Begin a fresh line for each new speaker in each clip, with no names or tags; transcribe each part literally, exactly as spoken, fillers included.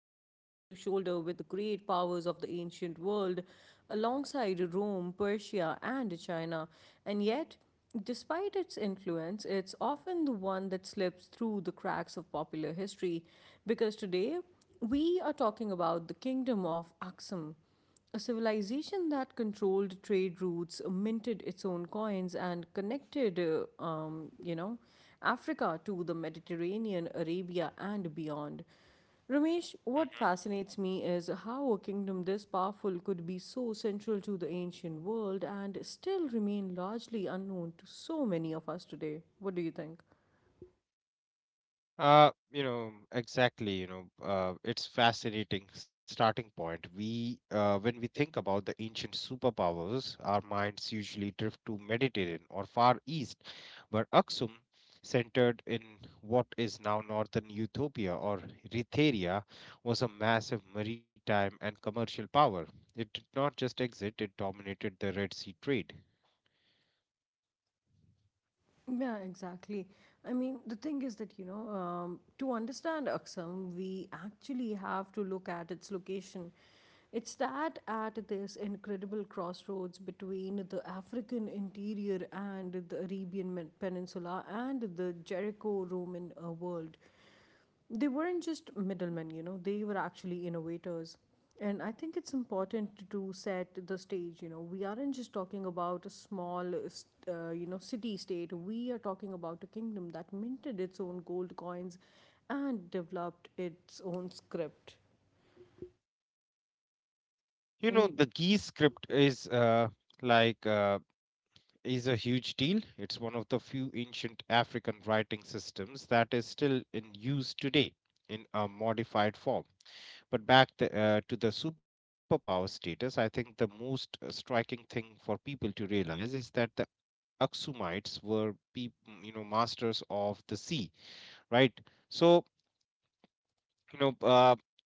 shoulder to shoulder with the great powers of the ancient world, alongside Rome, Persia, and China. And yet, despite its influence, it's often the one that slips through the cracks of popular history because today we are talking about the kingdom of Aksum, a civilization that controlled trade routes, minted its own coins, and connected, uh, um, you know, Africa to the Mediterranean, Arabia, and beyond. Ramesh, what fascinates me is how a kingdom this powerful could be so central to the ancient world and still remain largely unknown to so many of us today. What do you think?
Uh, you know, exactly, you know, uh, it's fascinating starting point. We, uh, when we think about the ancient superpowers, our minds usually drift to Mediterranean or Far East, but Aksum, centered in what is now northern Ethiopia or Eritrea, was a massive maritime and commercial power. It did not just exist, it dominated the Red Sea trade.
Yeah, exactly. I mean, the thing is that, you know, um, to understand Aksum, we actually have to look at its location. It's that at this incredible crossroads between the African interior and the Arabian men- Peninsula and the Jericho Roman uh, world. They weren't just middlemen, you know, they were actually innovators. And I think it's important to set the stage, you know, we aren't just talking about a small, uh, you know, city state. We are talking about a kingdom that minted its own gold coins and developed its own script.
You know, the
In
Geese script is, uh, like, uh, is a huge deal. It's one of the few ancient African writing systems that is still in use today in a modified form. But back the, uh, to the superpower status, I think the most uh, striking thing for people to realize is that the Aksumites were peop- mm, you know masters of the sea, right? So you know uh,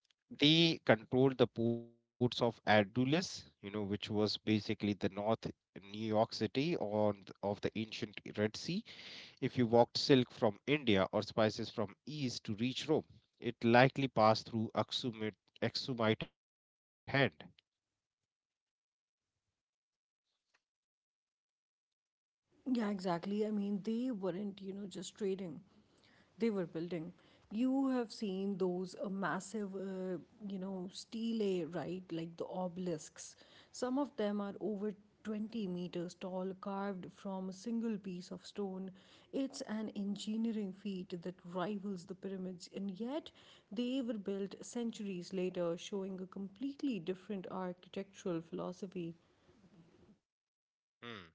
they controlled the ports of Adulis, you know, which was basically the north New York City on th- of the ancient Red Sea. If you walked silk from India or spices from East to reach Rome, it likely passed through Aksumite, Aksumite hand.
yeah, exactly. I mean, they weren't, you know, just trading, they were building. You have seen those uh, massive, uh, you know, stelae, right? Like the obelisks. Some of them are over twenty meters tall, carved from a single piece of stone. It's an engineering feat that rivals the pyramids, and yet they were built centuries later, showing a completely different architectural philosophy.
Hmm.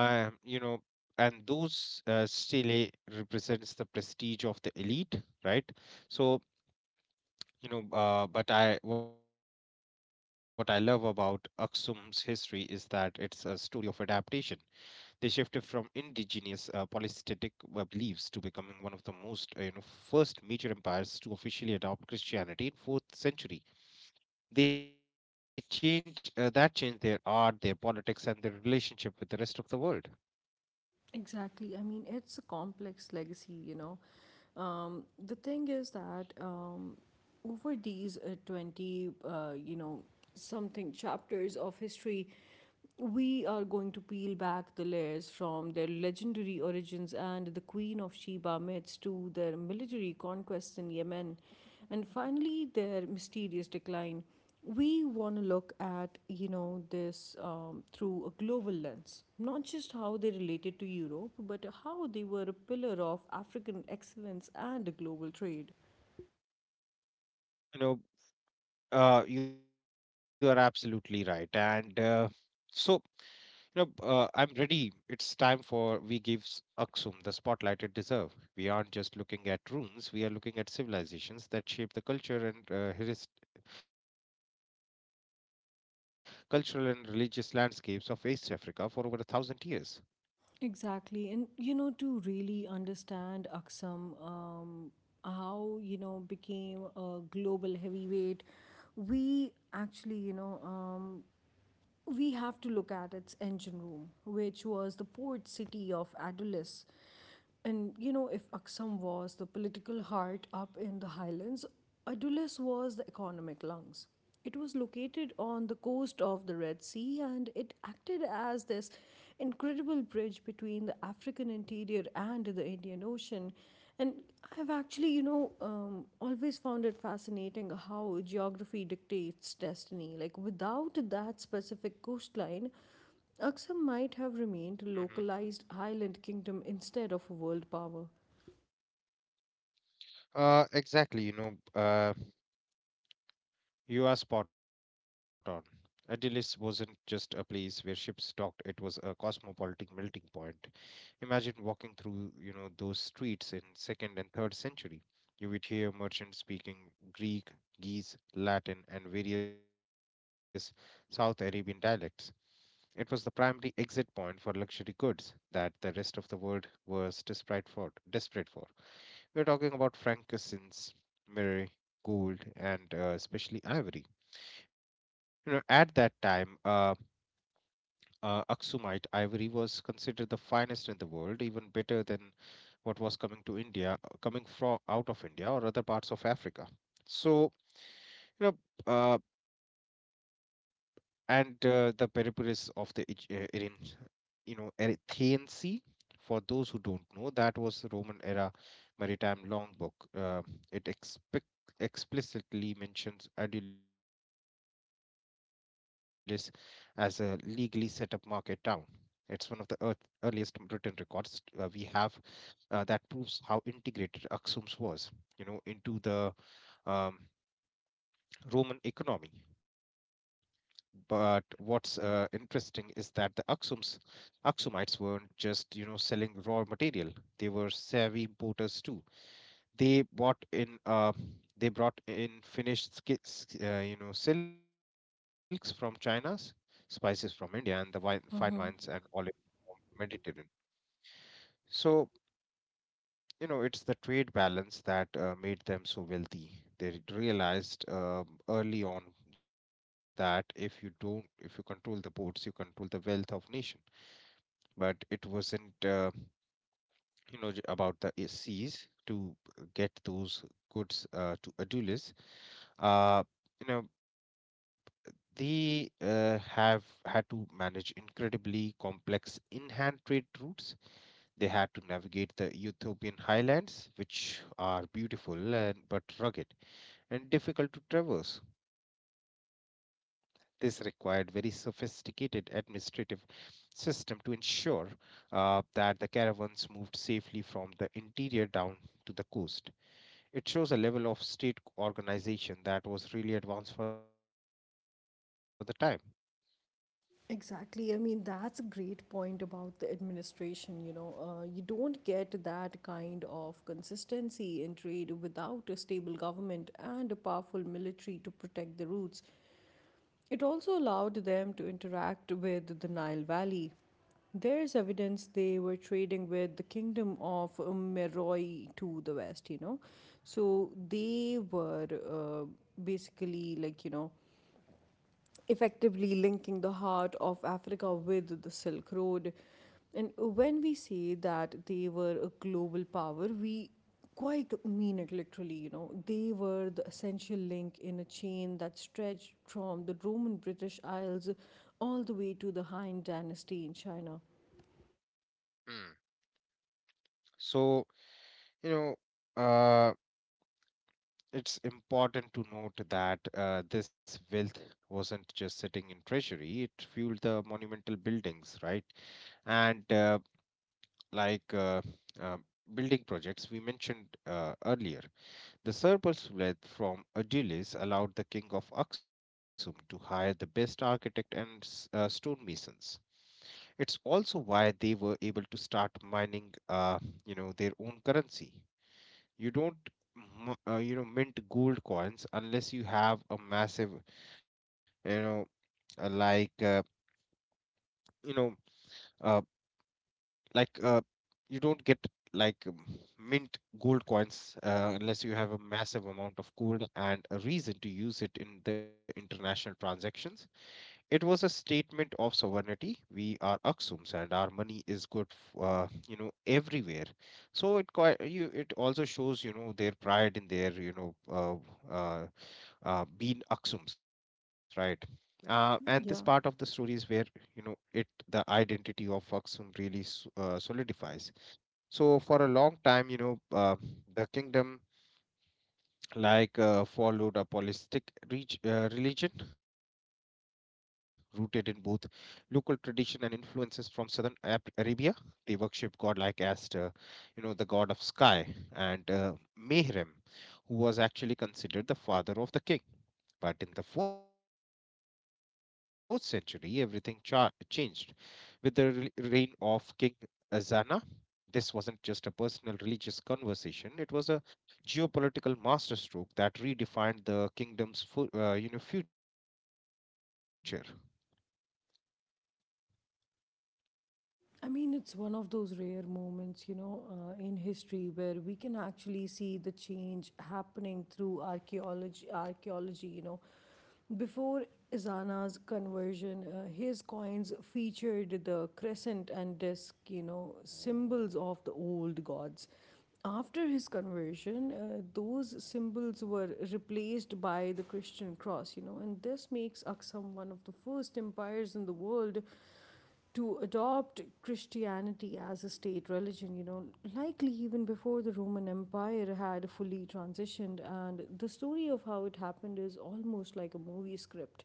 Um, you know, and those uh, stele represents the prestige of the elite, right? So you know, uh, but I what I love about Aksum's history is that it's a story of adaptation. They shifted from indigenous uh, polytheistic uh, beliefs to becoming one of the most, uh, you know, first major empires to officially adopt Christianity in fourth century. They changed uh, that changed their art, their politics, and their relationship with the rest of the world.
Exactly. I mean, it's a complex legacy, you know. Um, the thing is that um, over these uh, twenty, uh, you know, something chapters of history, we are going to peel back the layers from their legendary origins and the Queen of Sheba myths to their military conquests in Yemen and finally their mysterious decline. We want to look at, you know, this um, through a global lens, not just how they related to Europe, but how they were a pillar of African excellence and global trade.
You know, Uh, you are absolutely right. And uh, so, you know, uh, I'm ready. It's time for we give s- Aksum the spotlight it deserves. We aren't just looking at ruins, we are looking at civilizations that shape the culture and uh, his- cultural and religious landscapes of East Africa for over a thousand years.
Exactly. And, you know, to really understand Aksam, um, how, you know, became a global heavyweight, we actually, you know, um, we have to look at its engine room, which was the port city of Adulis. And, you know, if Aksam was the political heart up in the highlands, Adulis was the economic lungs. It was located on the coast of the Red Sea and it acted as this incredible bridge between the African interior and the Indian Ocean. And I've actually, you know, um, always found it fascinating how geography dictates destiny. Like, without that specific coastline, Aksum might have remained a
Mhm.
localized island kingdom instead of a world power.
Uh, exactly, you know, uh, You are spot on. Atlantis wasn't just a place where ships docked, it was a cosmopolitan melting point. Imagine walking through you know, those streets in second and third century. You would hear merchants speaking Greek, Geese, Latin, and various South Arabian dialects. It was the primary exit point for luxury goods that the rest of the world was desperate for. Desperate for. We're talking about frankincense, myrrh, gold, and uh, especially ivory. You know, at that time, uh, uh, Aksumite ivory was considered the finest in the world, even better than what was coming to India, uh, coming from out of India or other parts of Africa. So, you know, uh, and uh, the Periplus of the Ig- uh, Iran, you know, Erythraean Sea. For those who don't know, that was Roman era maritime longbook. Uh, it expe- Explicitly mentions Adulis as a legally set up market town. It's one of the earth earliest m- written records uh, we have uh, that proves how integrated Aksums was you know, into the um, Roman economy, but what's uh, interesting is that the Aksums, Aksumites weren't just you know, selling raw material. They were savvy importers too. They bought in, uh, they brought in finished, ski- s- uh, you know, silks from China, spices from India, and the wine, fine wines and olives from Mediterranean. So, you know, it's the trade balance that uh, made them so wealthy. They re- realized um, early on that if you don't if you control the ports, you control the wealth of nation. But it wasn't uh, you know j- about the I- seas to uh, get those goods uh, to Adulis uh, you know they uh, have had to manage incredibly complex in-hand trade routes. They had to navigate the Ethiopian highlands, which are beautiful and but rugged and difficult to traverse. This required very sophisticated administrative system to ensure uh, that the caravans moved safely from the interior down to the coast. It shows a level of state organization that was really advanced for the time.
Exactly. I mean, that's a great point about the administration. You know, uh, you don't get that kind of consistency in trade without a stable government and a powerful military to protect the routes. It also allowed them to interact with the Nile Valley. There's evidence they were trading with the kingdom of Meroe to the west, you know. So they were uh, basically like, you know, effectively linking the heart of Africa with the Silk Road. And when we say that they were a global power, we quite mean it literally, you know. They were the essential link in a chain that stretched from the Roman British Isles all the way to the Han Dynasty in China.
Hmm. So, you know, uh, it's important to note that uh, this wealth wasn't just sitting in treasury, it fueled the monumental buildings, right? and uh, like uh, uh, Building projects we mentioned uh, earlier, the surplus wealth from Adulis allowed the king of Aksum to hire the best architect and s- uh, stonemasons. It's also why they were able to start mining uh, you know their own currency. You don't mo- uh, you know mint gold coins unless you have a massive you know uh, like uh, you know uh, like uh, you don't get like um, mint gold coins uh, unless you have a massive amount of gold and a reason to use it in the international transactions. It was a statement of sovereignty: we are Axums and our money is good f- uh, you know everywhere. So it quite you it also shows you know their pride in their you know uh, uh, uh, been Aksums, right? Uh, and this part of the story
Yeah.
is where you know it the identity of Aksum really s- uh, solidifies. So for a long time, you know, uh, the kingdom like uh, followed a polytheistic reg- uh, religion rooted in both local tradition and influences from southern Ab- Arabia. They worship god like Aster, you know, the god of sky, and uh, Mehrem, who was actually considered the father of the king. But in the fourth century, everything cha- changed with the re- reign of King Azana. This wasn't just a personal religious conversation, it was a geopolitical masterstroke that redefined the kingdom's fu- uh, you know, future.
I mean, it's one of those rare moments, you know, uh, in history where we can actually see the change happening through archaeology. Archaeology, you know, before Izana's conversion, uh, his coins featured the crescent and disc, you know, symbols of the old gods. After his conversion, uh, those symbols were replaced by the Christian cross, you know, and this makes Aksum one of the first empires in the world to adopt Christianity as a state religion, you know, likely even before the Roman Empire had fully transitioned. And the story of how it happened is almost like a movie script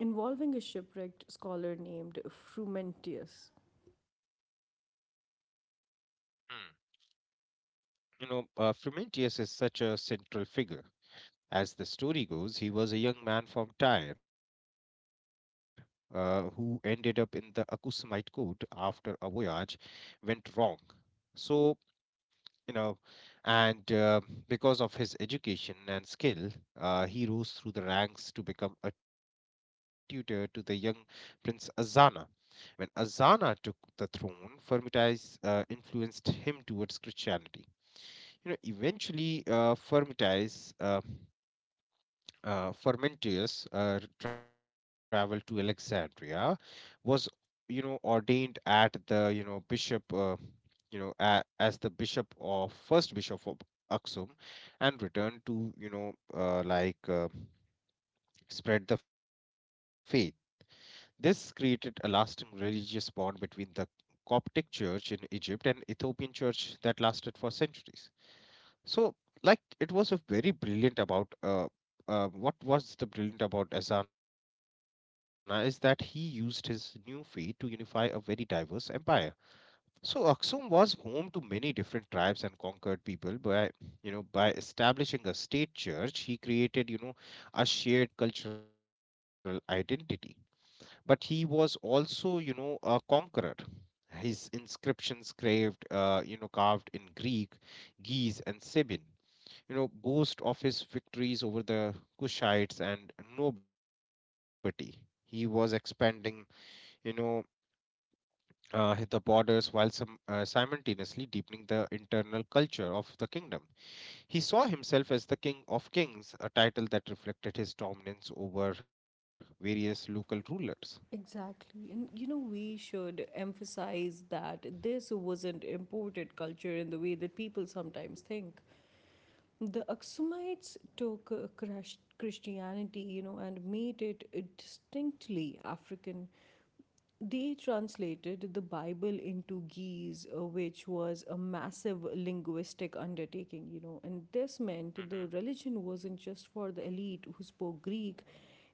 involving a shipwrecked scholar named Frumentius.
Hmm. You know, uh, Frumentius is such a central figure. As the story goes, he was a young man from Tyre uh, who ended up in the Acusamite court after a voyage went wrong. So, you know, and uh, because of his education and skill, uh, he rose through the ranks to become a tutor to the young Prince Azana. When Azana took the throne, Firmitas uh, influenced him towards Christianity. You know eventually uh, Fermitas uh, uh, Fermentius uh, traveled to Alexandria, was you know ordained at the you know bishop uh, you know a, as the bishop of first bishop of Aksum, and returned to you know uh, like uh, spread the faith. This created a lasting religious bond between the Coptic church in Egypt and Ethiopian church that lasted for centuries. So, like, it was a very brilliant about uh, uh, what was the brilliant about Asana is that he used his new faith to unify a very diverse empire. So Aksum was home to many different tribes and conquered people. By you know, by establishing a state church, he created you know a shared cultural identity. But he was also you know a conqueror. His inscriptions craved uh, you know carved in Greek, Geese, and Sabine you know, boast of his victories over the Kushites and nobody. He was expanding you know, uh, the borders while some, uh, simultaneously deepening the internal culture of the kingdom. He saw himself as the King of Kings, a title that reflected his dominance over various local rulers.
Exactly. And you know, we should emphasize that this wasn't imported culture in the way that people sometimes think. The Aksumites took uh, Chris- Christianity, you know, and made it uh, distinctly African. They translated the Bible into Geese, uh, which was a massive linguistic undertaking, you know, and this meant the religion
Mhm,
wasn't just for the elite who spoke Greek,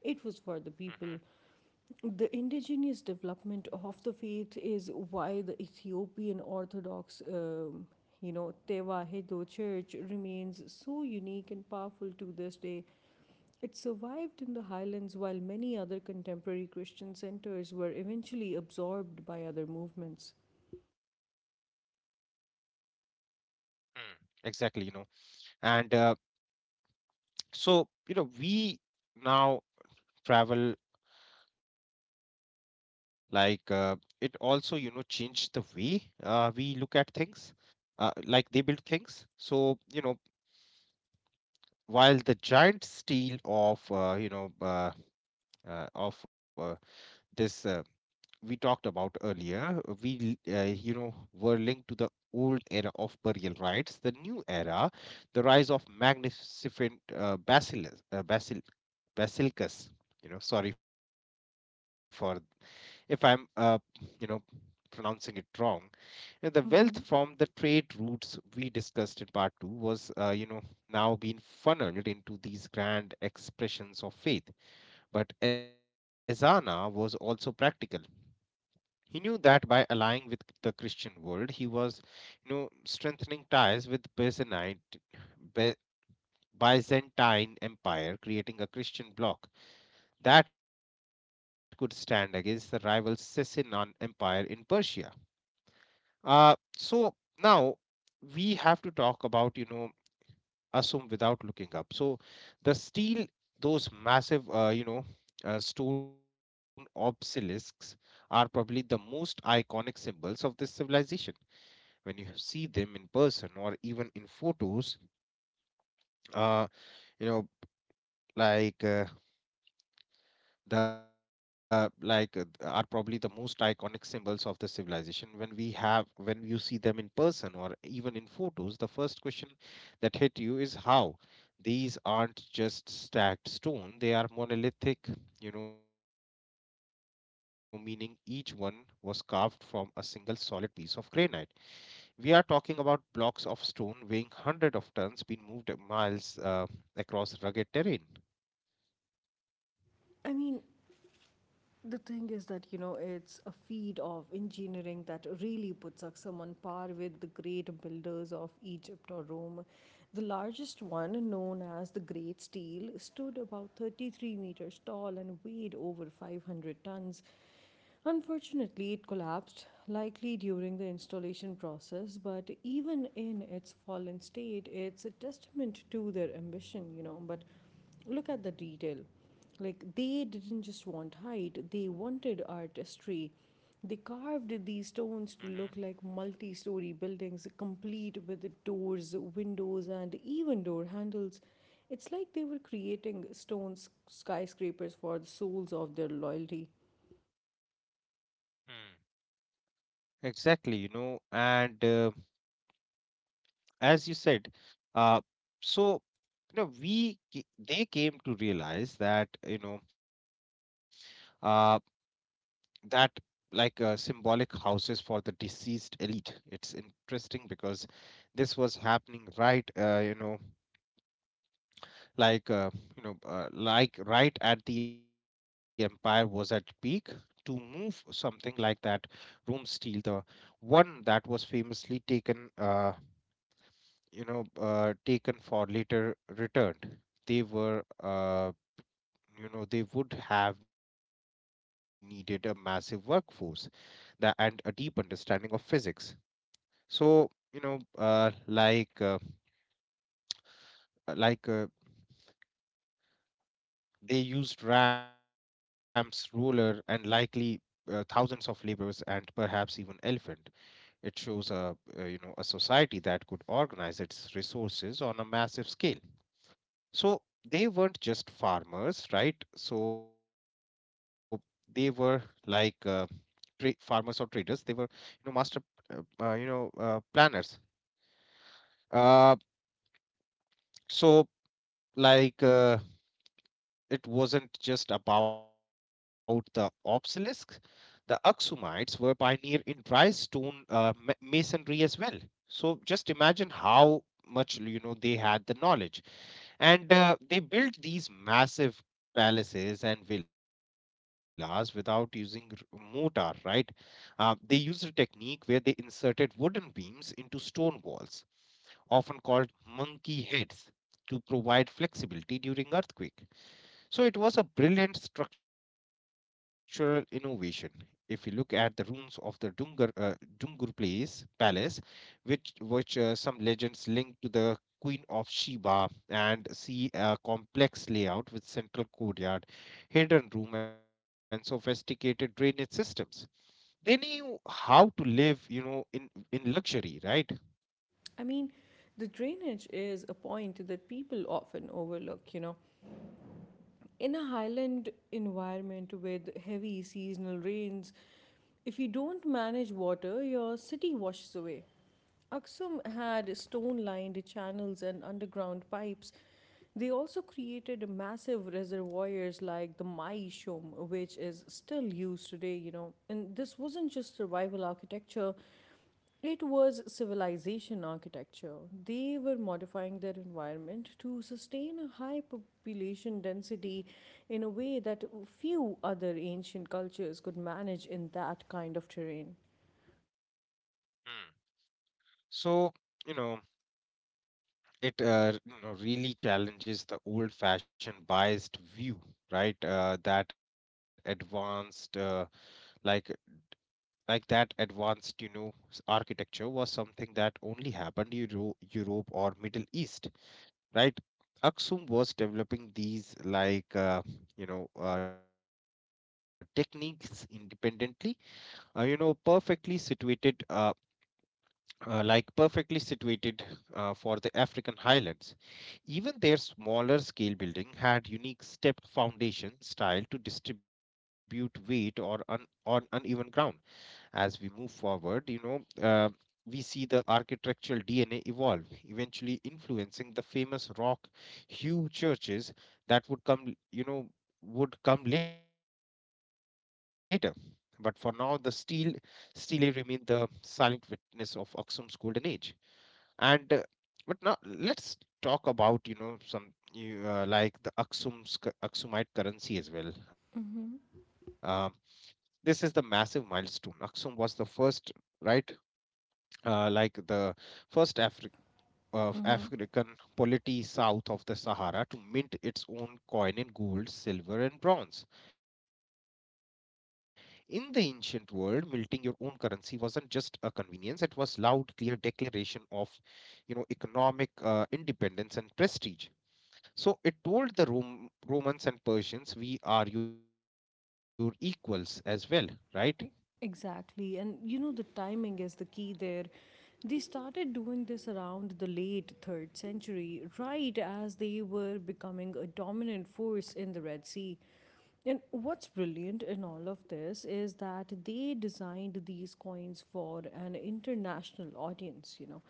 it was for the people.
mhm,
The indigenous development of the faith is why the Ethiopian Orthodox, um, you know, Tewahedo Church remains so unique and powerful to this day. It survived in the highlands while many other contemporary Christian centers were eventually absorbed by other movements.
mm. Exactly, you know, and uh, so you know we now travel like uh, it also you know changed the way uh, we look at things, uh, like they build things. So you know while the giant steel of uh, you know uh, uh, of uh, this uh, we talked about earlier uh, we l- uh, you know were linked to the old era of burial rites, the new era, the rise of magnificent uh, basilis, uh, basil basilicus. You know sorry for if I'm uh, you know pronouncing it wrong. And the wealth from the trade routes we discussed in part two was uh, you know, now being funneled into these grand expressions of faith. But Ezana was also practical. He knew that by allying with the Christian world, he was you know, strengthening ties with Byzantine, By- Byzantine Empire, creating a Christian bloc that could stand against the rival Sasanian Empire in Persia. Uh, so now we have to talk about you know, Assam without looking up. So the steel, those massive uh, you know, uh, stone obelisks are probably the most iconic symbols of this civilization. When you see them in person or even in photos, uh, you know, like uh, the like uh, are probably the most iconic symbols of the civilization when we have when you see them in person or even in photos, the first question that hit you is how. These aren't just stacked stone, they are monolithic, you know meaning each one was carved from a single solid piece of granite. We are talking about blocks of stone weighing hundreds of tons being moved miles uh, across rugged terrain.
I mean, the thing is that, you know, it's a feat of engineering that really puts Aksum on par with the great builders of Egypt or Rome. The largest one, known as the Great Steel, stood about thirty-three meters tall and weighed over five hundred tons. Unfortunately, it collapsed, likely during the installation process, but even in its fallen state, it's a testament to their ambition, you know. But look at the detail. Like, they didn't just want height, they wanted artistry. They carved these stones to look like multi story buildings, complete with doors, windows, and even door handles. It's like they were creating stone skyscrapers for the souls of their loyalty.
Mm-hmm. Exactly, you know, and uh, as you said, uh, so you know we ca- they came to realize that you know uh, that like uh, symbolic houses for the deceased elite. It's interesting because this was happening right uh, you know like uh, you know uh, like right at the empire was at peak. To move something like that, Rome Steel, the one that was famously taken uh, you know uh, taken for later return, they were uh, you know, they would have needed a massive workforce that and a deep understanding of physics. So you know uh, like uh, uh, like uh, they used ramps, roller, and likely uh, thousands of laborers and perhaps even elephant. It shows a uh, you know, a society that could organize its resources on a massive scale. So they weren't just farmers, right? So they were like uh, tra- farmers or traders. They were, you know, master, uh, uh, you know, uh, planners. Uh, so like uh, it wasn't just about the obelisk. The Aksumites were pioneer in dry stone uh, ma- masonry as well. So just imagine how much you know they had the knowledge. And uh, they built these massive palaces and villas without using r- mortar, right? Uh, they used a technique where they inserted wooden beams into stone walls, often called monkey heads, to provide flexibility during earthquake. So it was a brilliant structural innovation. If you look at the ruins of the Dungar uh, Dungur Place Palace, which which uh, some legends link to the Queen of Sheba, and see a complex layout with central courtyard, hidden room, and sophisticated drainage systems. They knew how to live, you know, in in luxury, right?
I mean, the drainage is a point that people often overlook, you know. In a highland environment with heavy seasonal rains, if you don't manage water, your city washes away. Aksum had stone lined channels and underground pipes. They also created massive reservoirs like the Maishom, which is still used today, you know. And this wasn't just survival architecture, it was civilization architecture. They were modifying their environment to sustain a high population density in a way that few other ancient cultures could manage in that kind of terrain.
Hmm. So you know It uh, you know, really challenges the old-fashioned biased view, right? Uh, that advanced, uh, like like that advanced, you know, s- architecture was something that only happened in Euro- Europe or Middle East, right? Aksum was developing these like uh, you know uh, techniques independently, uh, you know, perfectly situated, uh, uh, like perfectly situated uh, for the African highlands. Even their smaller scale building had unique stepped foundation style to distribute weight or un- on uneven ground. As we move forward, you know, uh, we see the architectural D N A evolve, eventually influencing the famous rock hue churches that would come, you know, would come later. But for now, the steel stele remain the silent witness of Aksum's golden age. And uh, But now let's talk about you know some you uh, like the Aksum's cu- Aksumite currency as well. Um,
Mm-hmm.
this is the massive milestone. Aksum was the first, right? Uh, like the first African. Of
Mm-hmm.
African polity south of the Sahara to mint its own coin in gold, silver, and bronze. In the ancient world, minting your own currency wasn't just a convenience, it was loud, clear declaration of, you know, economic uh, independence and prestige. So it told the Rom- Romans and Persians, we are your equals as well, right?
E- Exactly. And you know, the timing is the key there. They started doing this around the late third century, right as they were becoming a dominant force in the Red Sea. And what's brilliant in all of this is that they designed these coins for an international audience, you know.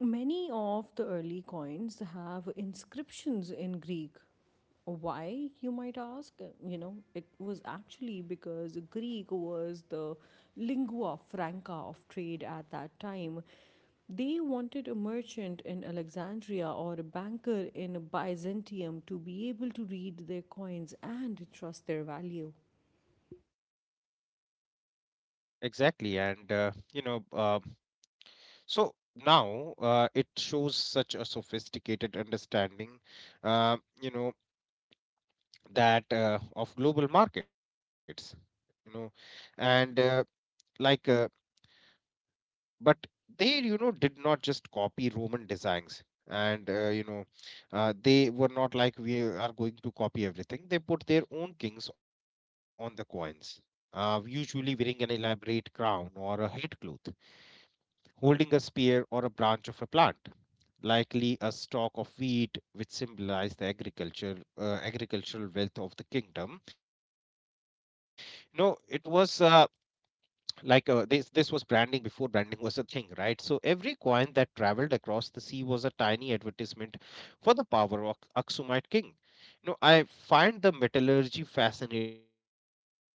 Many of the early coins have inscriptions in Greek, why, you might ask? You know, it was actually because Greek was the lingua franca of trade at that time. They wanted a merchant in Alexandria or a banker in Byzantium to be able to read their coins and trust their value.
Exactly. And, uh, you know, uh, so now uh, It shows such a sophisticated understanding, uh, you know, that uh, of global markets, you know, and uh, like, uh, but they you know did not just copy roman designs. And uh, you know uh, They were not like we are going to copy everything. They put their own kings on the coins, uh, usually wearing an elaborate crown or a headcloth, holding a spear or a branch of a plant, likely a stalk of wheat, which symbolized the agriculture uh, agricultural wealth of the kingdom. You know, it was uh, like uh, this this was branding before branding was a thing, right? So every coin that traveled across the sea was a tiny advertisement for the power of aksumite king. You know, I find the metallurgy fascinating too.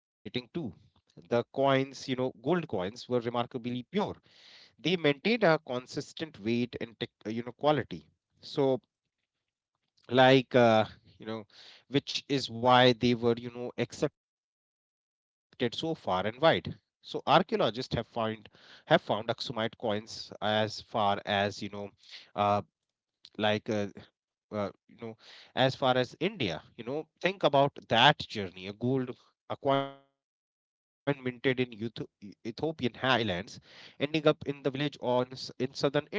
The coins you know gold coins were remarkably pure. They maintained a consistent weight and tech- uh, you know, quality. so like uh, you know which is why they were, you know, accepted so far and wide. So archaeologists have found have found aksumite coins as far as you know uh, like uh, uh, you know as far as india. You know, think about that journey. A gold a coin minted in Eutho- E- ethiopian highlands ending up in the village on s- in southern india.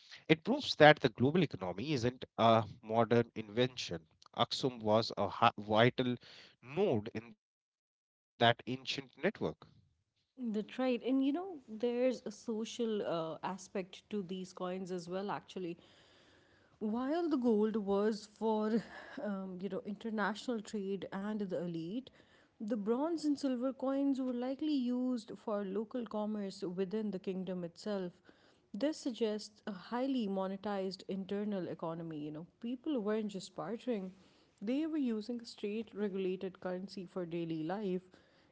It proves that the global economy isn't a modern invention. Aksum was a ha- vital node in that ancient network.
That's right. And you know, there's a social uh, aspect to these coins as well, actually. While the gold was for, um, you know, international trade and the elite, the bronze and silver coins were likely used for local commerce within the kingdom itself. This suggests a highly monetized internal economy. You know, people weren't just bartering; they were using a straight regulated currency for daily life.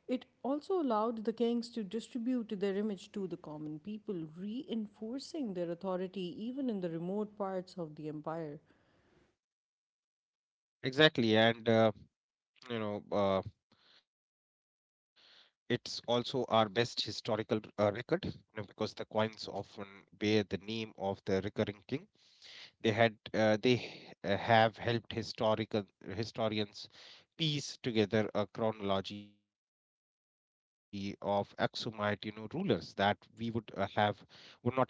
It also allowed the kings to distribute their image to the common people, reinforcing their authority even in the remote parts of the empire.
Exactly, and uh, you know, uh, it's also our best historical uh, record, you know, because the coins often bear the name of the recurring king. They had uh, they uh, have helped historical historians piece together a chronology of Aksumite, you know, rulers that we would uh, have would not have otherwise.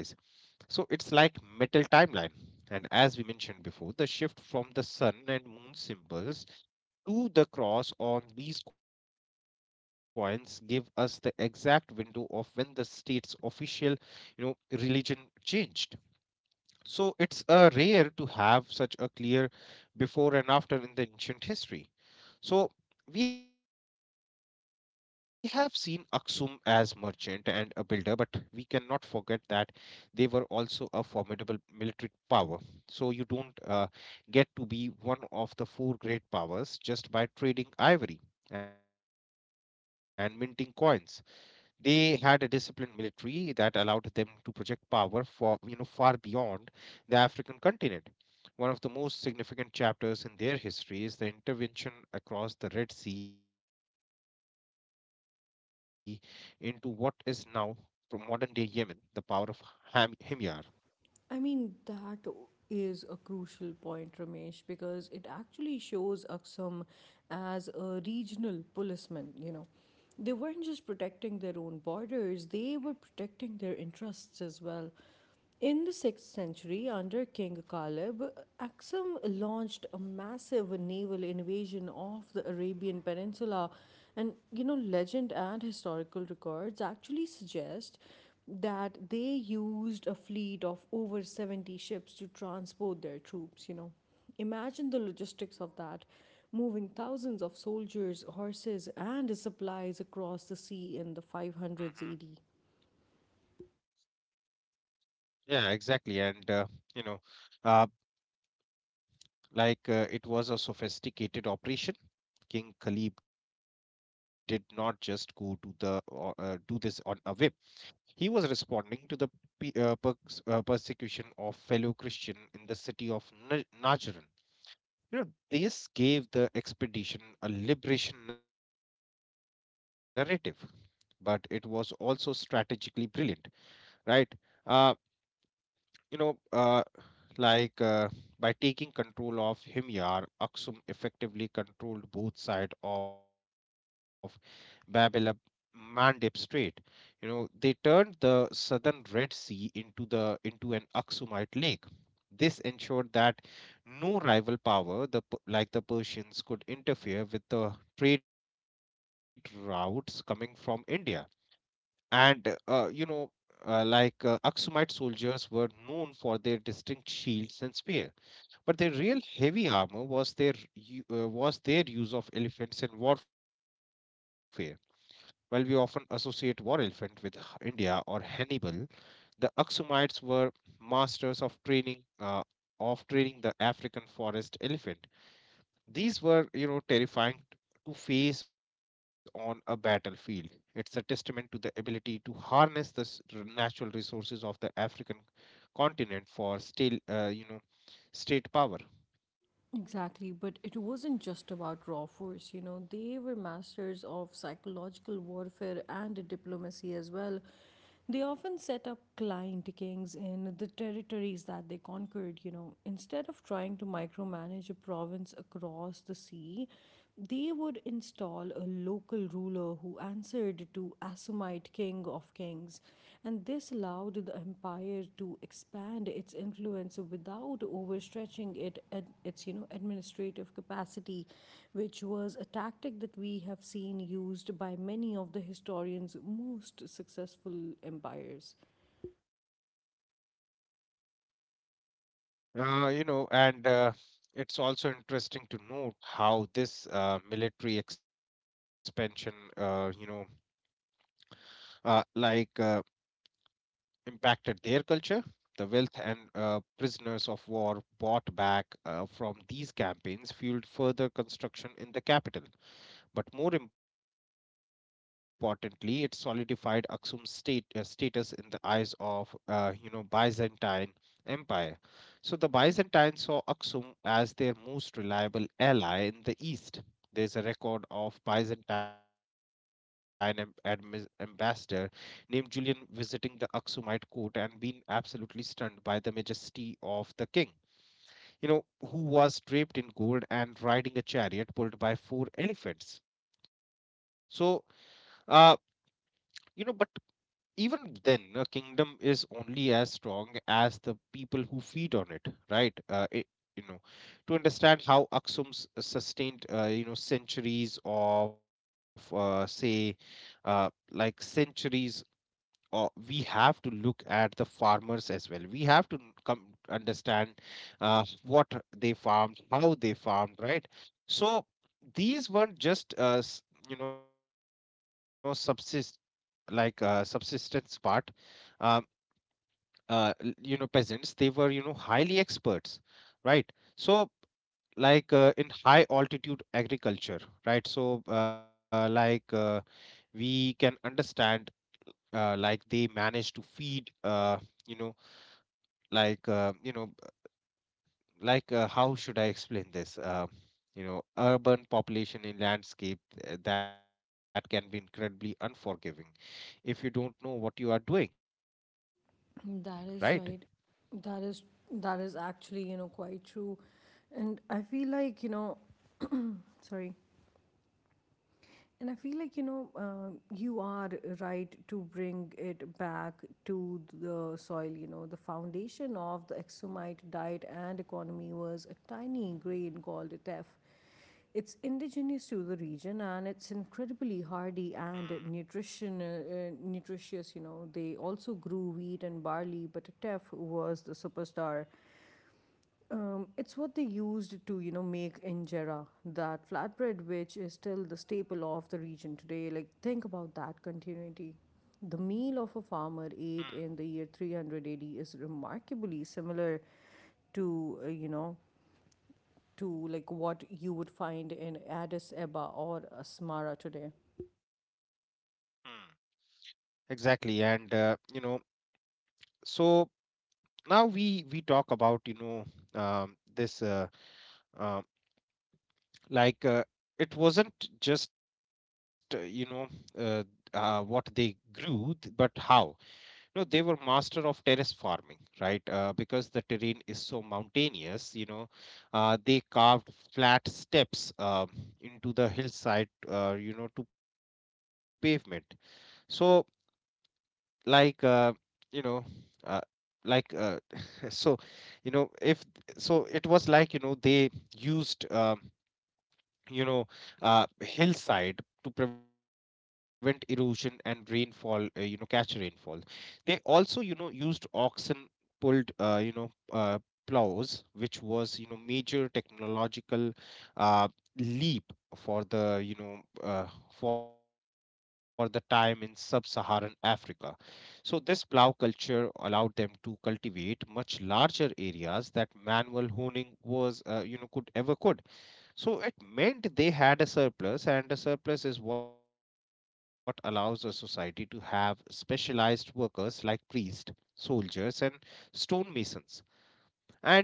So it's like metal timeline. And as we mentioned before, the shift from the sun and moon symbols to the cross on these coins give us the exact window of when the state's official, you know, religion changed. So it's uh, rare to have such a clear before and after in the ancient history. So we have seen Aksum as merchant and a builder, but we cannot forget that they were also a formidable military power. So you don't uh, get to be one of the four great powers just by trading ivory and minting coins. They had a disciplined military that allowed them to project power for, you know, far beyond the African continent. One of the most significant chapters in their history is the intervention across the Red Sea into what is now from modern day Yemen, the power of Ham- Himyar.
I mean, that is a crucial point, Ramesh, because it actually shows Aksum as a regional policeman, you know. They weren't just protecting their own borders, they were protecting their interests as well. In the sixth century, under King Caleb, Aksum launched a massive naval invasion of the Arabian Peninsula. And you know, legend and historical records actually suggest that they used a fleet of over seventy ships to transport their troops. You know, imagine the logistics of that, moving thousands of soldiers, horses, and supplies across the
Mhm.
sea in the five hundreds A D.
Yeah, exactly. And, uh, you know, uh, like uh, It was a sophisticated operation. King Khalib did not just go to the o- uh, do this on a whim. He was responding to the pe- uh, perse- uh, persecution of fellow Christian in the city of Na- Najran. You know, this gave the expedition a liberation narrative, but it was also strategically brilliant, right? Uh, you know, uh, Like uh, by taking control of Himyar, Aksum effectively controlled both sides of Babylon Mandeb Strait. You know, they turned the southern Red Sea into the into an Aksumite lake. This ensured that no rival power, the, P- like the Persians, could interfere with the trade routes coming from India. And uh, you know, uh, like uh, Aksumite soldiers were known for their distinct shields and spear. But their real heavy armor was their u- uh, was their use of elephants in warfare. While we often associate war elephant with H- India or Hannibal, the Aksumites were masters of training uh, of training the African forest elephant. These were, you know, terrifying to face on a battlefield. It's a testament to the ability to harness the s- r- natural resources of the African continent for still, uh, you know, state power.
Exactly, but it wasn't just about raw force, you know, they were masters of psychological warfare and diplomacy as well. They often set up client kings in the territories that they conquered, you know. Instead of trying to micromanage a province across the sea, they would install a local ruler who answered to Assamite king of kings, and this allowed the empire to expand its influence without overstretching it at its, you know, administrative capacity, which was a tactic that we have seen used by many of the historians' most successful empires.
Uh, you know, and uh, It's also interesting to note how this uh, military expansion, uh, you know, uh, like uh, impacted their culture. The wealth and uh, prisoners of war bought back uh, from these campaigns fueled further construction in the capital. But more importantly, it solidified Aksum's state, uh, status in the eyes of, uh, you know, Byzantine Empire. So the Byzantines saw Aksum as their most reliable ally in the east. There is a record of Byzantine am- admis- ambassador named Julian visiting the Aksumite court and being absolutely stunned by the majesty of the king, you know, who was draped in gold and riding a chariot pulled by four elephants. So uh, you know, but even then, a kingdom is only as strong as the people who feed on it, right? Uh, it, you know, to understand how Aksum's sustained, uh, you know, centuries of, uh, say, uh, like centuries, or we have to look at the farmers as well. We have to n- come understand uh, what they farmed, how they farmed, right? So these weren't just, uh, s- you know, subsist like uh, subsistence part uh, uh, l- you know peasants. They were, you know, highly experts, right? So like uh, in high altitude agriculture, right? So uh, like uh, we can understand uh, like they managed to feed uh, you know like uh, you know like uh, how should I explain this uh, you know urban population in landscape uh, that can be incredibly unforgiving if you don't know what you are doing, right?
That is right. That is that is actually, you know, quite true, and I feel like, you know sorry and I feel like, you know, uh, you are right to bring it back to the soil. You know, the foundation of the Exumite diet and economy was a tiny grain called teff. It's indigenous to the region and it's incredibly hardy and nutrition, uh, nutritious. You know, they also grew wheat and barley, but teff was the superstar. Um, it's what they used to, you know, make injera, that flatbread, which is still the staple of the region today. Like, think about that continuity. The meal of a
Mm,
farmer ate in the year three hundred A D is remarkably similar to, uh, you know, to like what you would find in Addis Ababa or Asmara today.
mm, Exactly, and uh, you know, so now we we talk about you know um, this uh, uh, like uh, it wasn't just uh, you know uh, uh, what they grew, th- but how. You know, they were master of terrace farming, right? Uh, because the terrain is so mountainous, you know, uh, they carved flat steps um into the hillside, uh, you know, to pavement. So like uh, you know uh, like uh, so you know if so it was like you know they used um, you know uh, hillside to prevent erosion and rainfall, uh, you know catch rainfall. They also, you know used oxen pulled, uh, you know uh, plows, which was, you know major technological, uh, leap for the, you know uh, for the time in sub-Saharan Africa. So this plow culture allowed them to cultivate much larger areas that manual honing was, uh, you know could ever could. So it meant they had a surplus, and a surplus is what allows a society to have specialized workers like priests, soldiers, and stonemasons. And uh,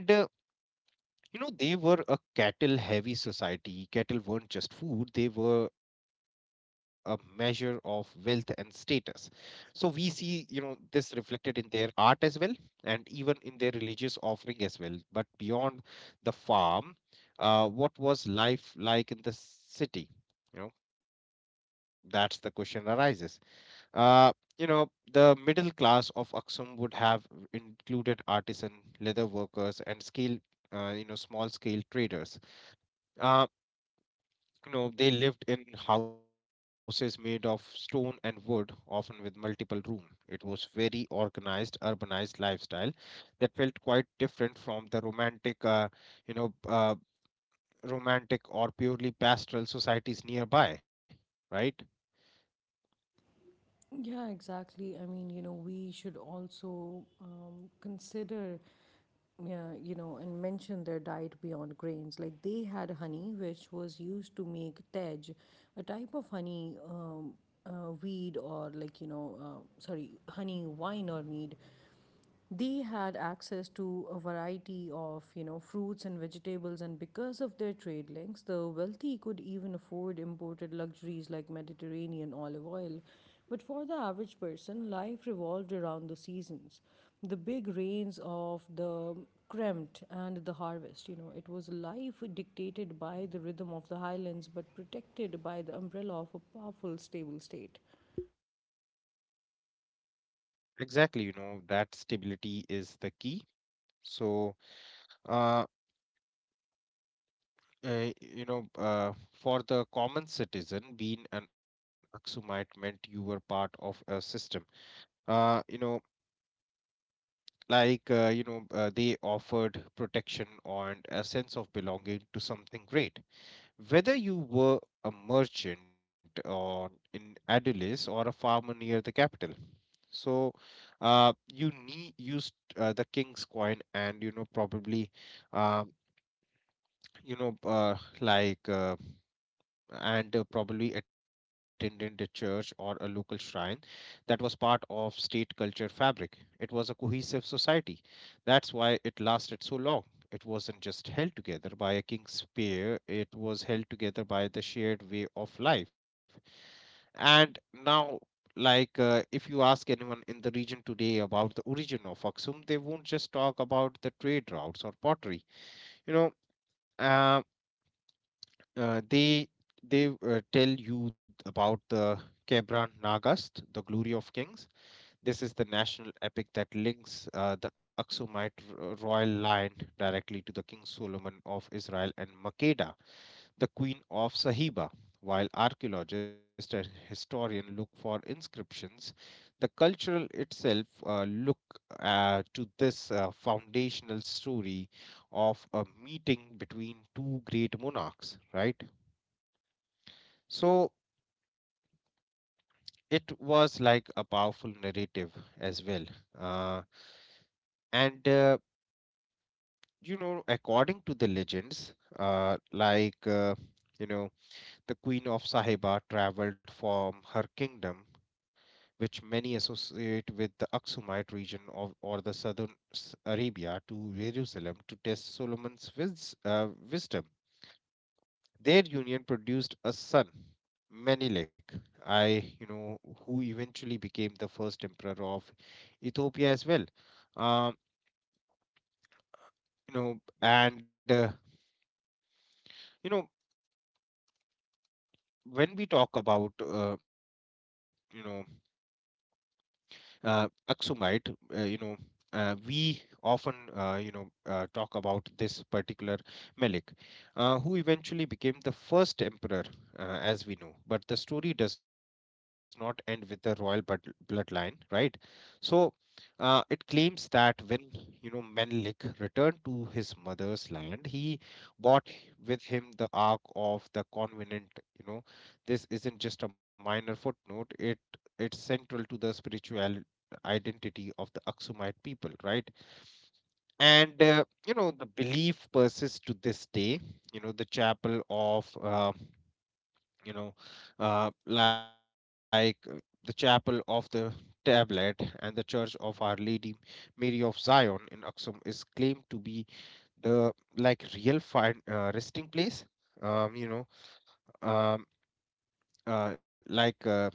you know, they were a cattle heavy society. Cattle weren't just food, they were a measure of wealth and status. So we see, you know, this reflected in their art as well and even in their religious offering as well. But beyond the farm, uh, what was life like in the city? You know, that's the question arises. Uh, you know, the middle class of Aksum would have included artisan, leather workers, and scale, uh, you know, small scale traders. Uh, you know, they lived in houses made of stone and wood, often with multiple rooms. It was very organized, urbanized lifestyle that felt quite different from the romantic, uh, you know, uh, romantic or purely pastoral societies nearby, right?
Yeah, exactly. I mean, you know, we should also um, consider, yeah, you know, and mentioned their diet beyond grains. Like they had honey, which was used to make tej, a type of honey um, uh, weed or like you know, uh, sorry, honey wine or mead. They had access to a variety of, you know, fruits and vegetables, and because of their trade links the wealthy could even afford imported luxuries like Mediterranean olive oil. But for the average person life revolved around the seasons, the big rains of the Krempt and the harvest. You know, it was a life dictated by the rhythm of the highlands but protected by the umbrella of a powerful stable state.
Exactly, you know, that stability is the key. So, uh, uh, you know, uh, for the common citizen, being an Aksumite meant you were part of a system. Uh, you know, like, uh, you know, uh, they offered protection and a sense of belonging to something great. Whether you were a merchant or in Adulis or a farmer near the capital. So, uh, you need used uh, the king's coin and, you know, probably, uh, you know, uh, like, uh, and uh, probably attended a church or a local shrine that was part of state culture fabric. It was a cohesive society. That's why it lasted so long. It wasn't just held together by a king's spear, it was held together by the shared way of life. And now, like, uh, if you ask anyone in the region today about the origin of Aksum, they won't just talk about the trade routes or pottery. You know, um, uh, they they uh, tell you about the Kebran Nagast, the glory of kings. This is the national epic that links uh, the Aksumite r- uh, royal line directly to the King Solomon of Israel and Makeda, the queen of Sahiba. While archaeologists and historians look for inscriptions, the cultural itself uh, look uh, to this uh, foundational story of a meeting between two great monarchs, right? So it was like a powerful narrative as well. Uh, and, uh, you know, according to the legends, uh, like, uh, you know, the Queen of Sahiba traveled from her kingdom, which many associate with the Aksumite region of, or the southern S- Arabia, to Jerusalem to test Solomon's wis- uh, wisdom. Their union produced a son, Menelik, I, you know, who eventually became the first emperor of Ethiopia as well. Um, you know, and uh, you know, when we talk about uh, you know uh, Aksumite, uh, you know, uh, we often uh, you know uh, talk about this particular Melik, uh, who eventually became the first emperor, uh, as we know. But the story does not end with the royal but- bloodline, right? So Uh, it claims that when, you know, Menelik returned to his mother's land, he brought with him the Ark of the Covenant. You know, this isn't just a minor footnote; it it's central to the spiritual identity of the Aksumite people, right? And uh, you know, the belief persists to this day. You know, the chapel of uh, you know, uh, like uh, the chapel of the tablet and the church of Our Lady Mary of Zion in Aksum is claimed to be the like real fine, uh, resting place, um, you know, um, uh, like uh,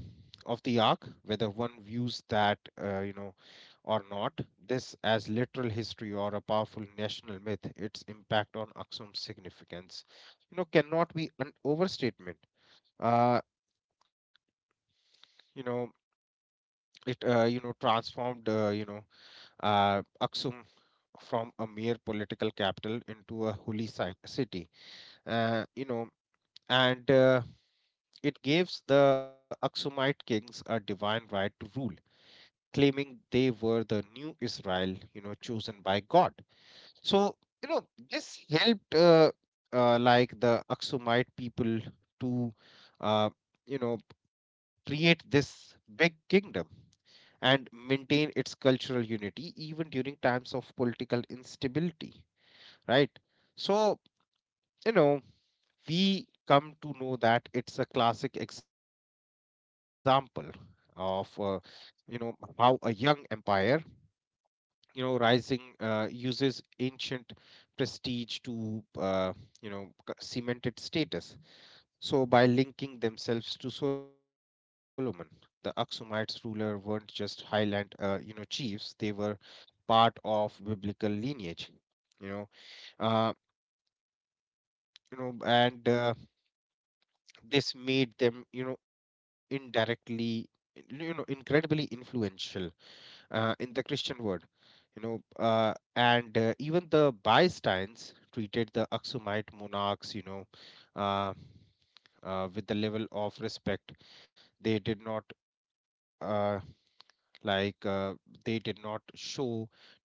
of the ark, whether one views that, uh, you know or not, this as literal history or a powerful national myth. Its impact on Aksum's significance, you know, cannot be an overstatement. Uh, you know it uh, you know transformed, uh, you know uh, Aksum from a mere political capital into a holy ci- city, uh, you know and uh, it gives the Aksumite kings a divine right to rule, claiming they were the new Israel, you know, chosen by God. So, you know, this helped, uh, uh, like the Aksumite people to, uh, you know create this big kingdom and maintain its cultural unity even during times of political instability, right? So, you know, we come to know that it's a classic example of, uh, you know, how a young empire, you know, rising uh, uses ancient prestige to, uh, you know, c- cement its status. So, by linking themselves to Solomon, the Aksumites ruler weren't just highland, uh, you know, chiefs, they were part of biblical lineage, you know uh, you know and uh, this made them, you know, indirectly, you know, incredibly influential uh, in the Christian world. You know uh, and uh, Even the Byzantines treated the Aksumite monarchs, you know, uh, uh, with the level of respect they did not, uh, like uh, they did not show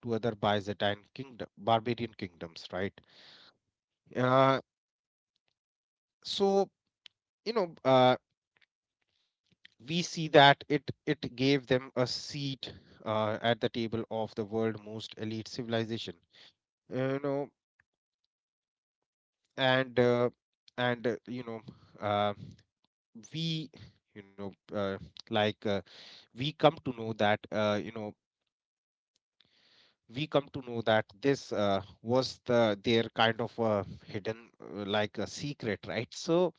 to other Byzantine kingdom barbarian kingdoms, right? uh, so you know uh, we see that it it gave them a seat uh, at the table of the world most elite civilization, you know. And uh, and uh, you know uh, we you know uh, like uh, we come to know that uh, you know We come to know that this uh, was the their kind of uh, hidden, uh, like a secret, right? So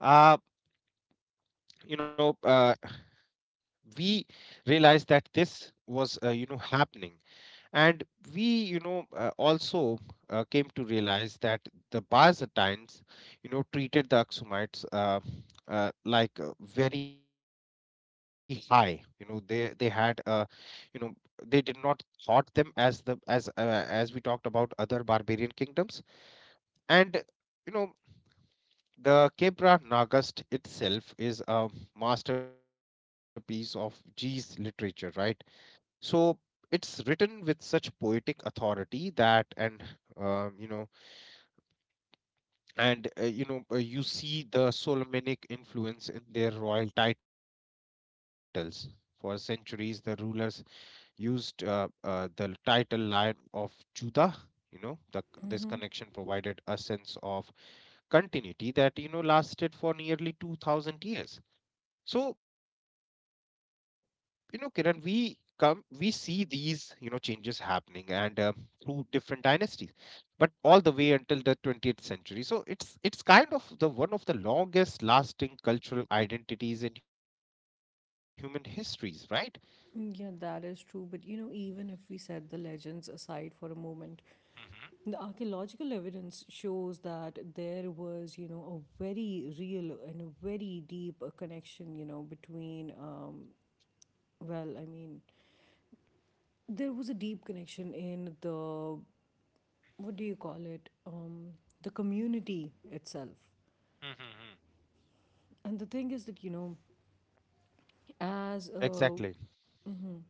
uh, you know uh, we realized that this was, uh, you know happening. And we, you know, uh, also uh, came to realize that the Byzantines, you know, treated the Aksumites, uh, uh, like uh, very high. You know, they they had, uh, you know, they did not thought them as the as uh, as we talked about other barbarian kingdoms. And you know, the Kebra Nagast itself is a masterpiece of G's literature, right? So it's written with such poetic authority that and um, you know and uh, you know uh, you see the Solomonic influence in their royal titles. For centuries the rulers used, uh, uh, the title lion of Judah, you know, the, this connection provided a sense of continuity that, you know, lasted for nearly two thousand years. So, you know, Kiran, we come, we see these, you know, changes happening, and uh, through different dynasties, but all the way until the twentieth century. So it's it's kind of the one of the longest lasting cultural identities in human histories, right?
Yeah, that is true. But you know, even if we set the legends aside for a moment,
Mm-hmm.
the archaeological evidence shows that there was, you know, a very real and a very deep uh, connection, you know, between, um, well, I mean, there was a deep connection in the, what do you call it, um, the community itself.
Mm-hmm.
And the thing is that, you know, as,
Exactly.
uh, mhm.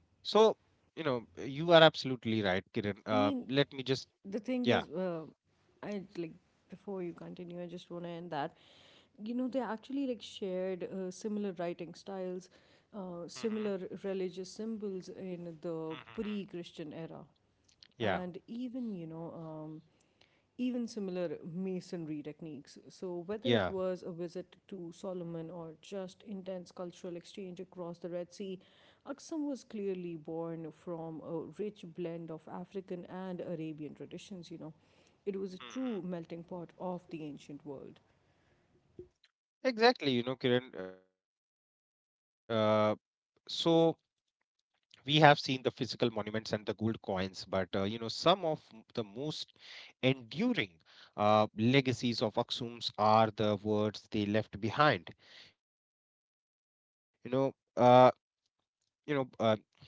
So, you know, you are absolutely right, Kiran.
I
Uh,
mean,
let me just,
the thing is,
yeah.
uh, I like Before you continue, I just want to end that, you know, they actually like shared uh, similar writing styles, uh,
Mm-hmm.
similar religious symbols in the
Mm-hmm.
pre-Christian era,
Yeah,
and even, you know um, even similar masonry techniques. So whether it
yeah.
was a visit to Solomon or just intense cultural exchange across the Red Sea, Aksum was clearly born from a rich blend of African and Arabian traditions. You know, it was a
Mm-hmm.
true melting pot of the ancient world.
Exactly, you know, Kiran. Uh, so we have seen the physical monuments and the gold coins, but, uh, you know, some of m- the most enduring uh, legacies of Aksums are the words they left behind, you know. uh, you know uh,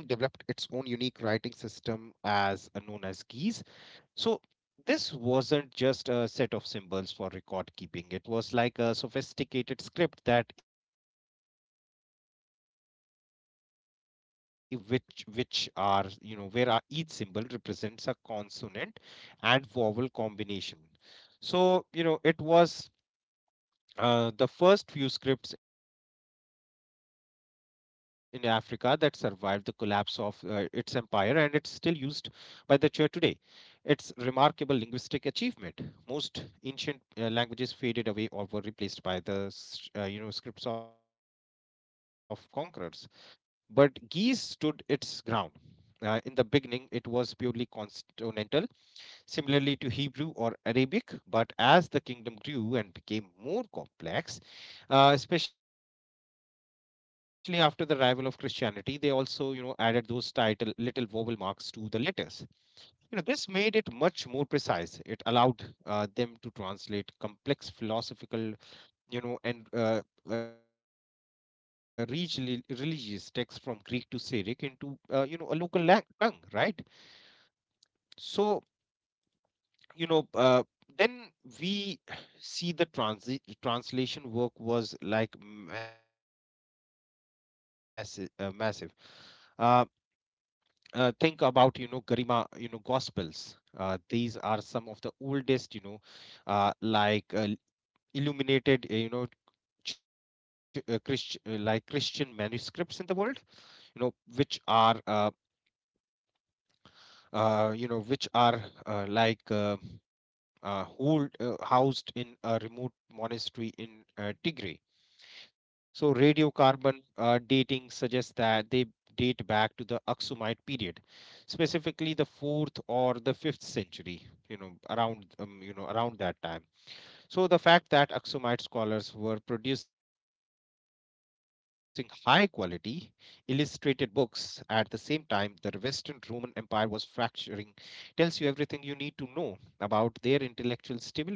Aksum developed its own unique writing system as, uh, known as Geese. So this wasn't just a set of symbols for record keeping. It was like a sophisticated script that evolved into the Ab- Abugida, you know, uh, which which are, you know, where are each symbol represents a consonant and vowel combination. So you know it was. Uh, the first few scripts in Africa that survived the collapse of uh, its empire, and it's still used by the church today. It's remarkable linguistic achievement. Most ancient uh, languages faded away or were replaced by the s- uh, you know scripts of conquerors. But Geese stood its ground. Uh, in the beginning, it was purely consonantal, similarly to Hebrew or Arabic. But as the kingdom grew and became more complex, uh, especially after the arrival of Christianity, they also, you know, added those title little vowel marks to the letters, you know. This made it much more precise. It allowed uh, them to translate complex philosophical, you know, and uh, uh, rich reli- religious texts from Greek to Syriac into, uh, you know, a local lang- tongue, right? So, you know, uh, then we see the transi- translation work was like massive. Uh, massive. Uh, uh, think about, you know, Garima, you know, gospels. Uh, these are some of the oldest, you know, uh, like uh, illuminated, uh, you know ch- uh, Christ- uh, like christian manuscripts in the world, you know, which are, uh, uh, you know which are, uh, like uh, uh, hold uh, housed in a remote monastery in uh, Tigray. So radiocarbon uh, dating suggests that they date back to the Aksumite period, specifically the fourth or the fifth century, you know, around, um, you know around that time. So the fact that Aksumite scholars were producing high quality illustrated books at the same time the Western Roman Empire was fracturing tells you everything you need to know about their intellectual stability.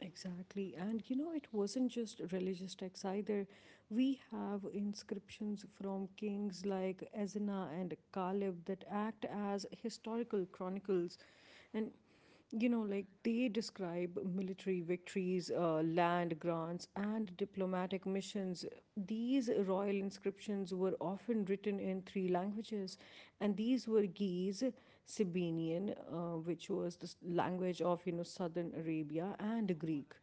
Exactly. And you know, it wasn't just religious texts either. We have inscriptions from kings like Ezna and Caleb that act as historical chronicles. And you know, like they describe military victories, uh, land grants, and diplomatic missions. These royal inscriptions were often written in three languages, and these were Geese, Sabinian, uh, which was the s- language of, you know, southern Arabia, and Greek.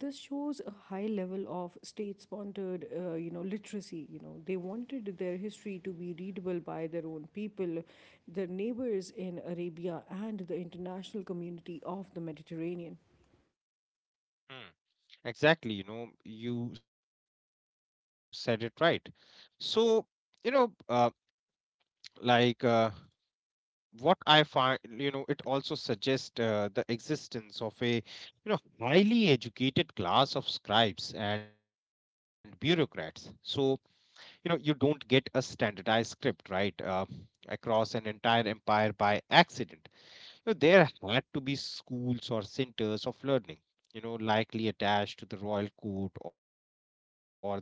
This shows a high level of state-sponsored, uh, you know, literacy. You know, they wanted their history to be readable by their own people, their neighbors in Arabia, and the international community of the Mediterranean.
Exactly, you know, you said it right. So, you know, uh, like uh, what I find, you know, it also suggests uh, the existence of a, you know, highly educated class of scribes and bureaucrats. So, you know, you don't get a standardized script, right, uh, across an entire empire by accident. So there had to be schools or centers of learning, you know, likely attached to the royal court or the great churches.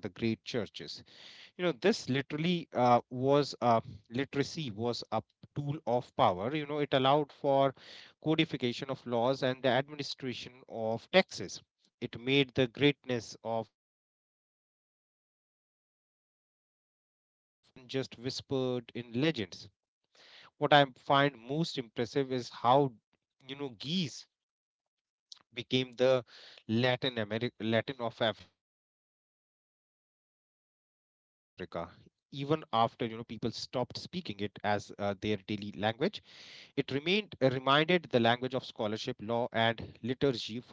You know, this literally uh, was uh, literacy was a tool of power. You know, it allowed for codification of laws and the administration of taxes. It made the greatness of Aksum something that could be documented and preserved rather than just whispered in legends What I find most impressive is how, you know, geese became the Latin America, Latin of Africa, even after, you know, people stopped speaking it as uh, their daily language. It remained uh, reminded the language of scholarship, law, and liturgy for centuries.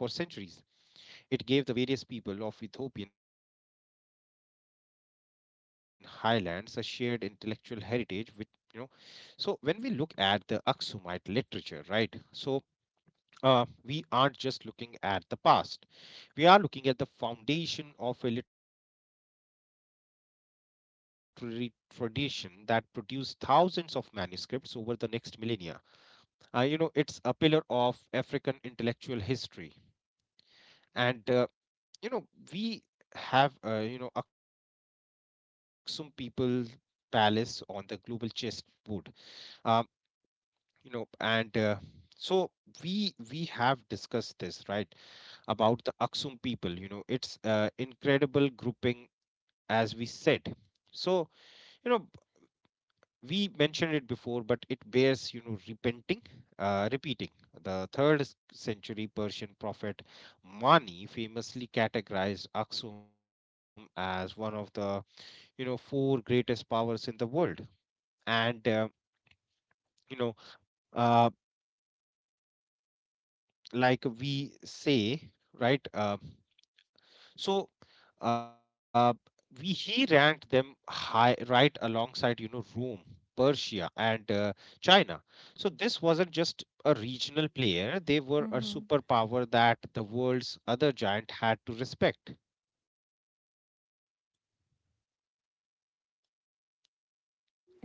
It gave the various people of Ethiopian highlands a shared intellectual heritage, which you know so when we look at the Aksumite literature, right? So uh, we aren't just looking at the past. We are looking at the foundation of a literary tradition that produced thousands of manuscripts over the next millennia. Uh, you know, it's a pillar of African intellectual history. And, uh, you know, we have, uh, you know, Aksum people palace on the global chessboard. Um, you know, and uh, so we we have discussed this, right? About the Aksum people. You know, it's uh, incredible grouping, as we said. So, you know, we mentioned it before, but it bears, you know, repenting, uh, repeating. The third s- century Persian prophet Mani famously categorized Aksum as one of the, you know, four greatest powers in the world. And, uh, you know, uh, like we say, right? Uh, So uh, we He ranked them high, right alongside, you know, Rome, Persia, and uh, China. So this wasn't just a regional player; they were a superpower that the world's other giant had to respect.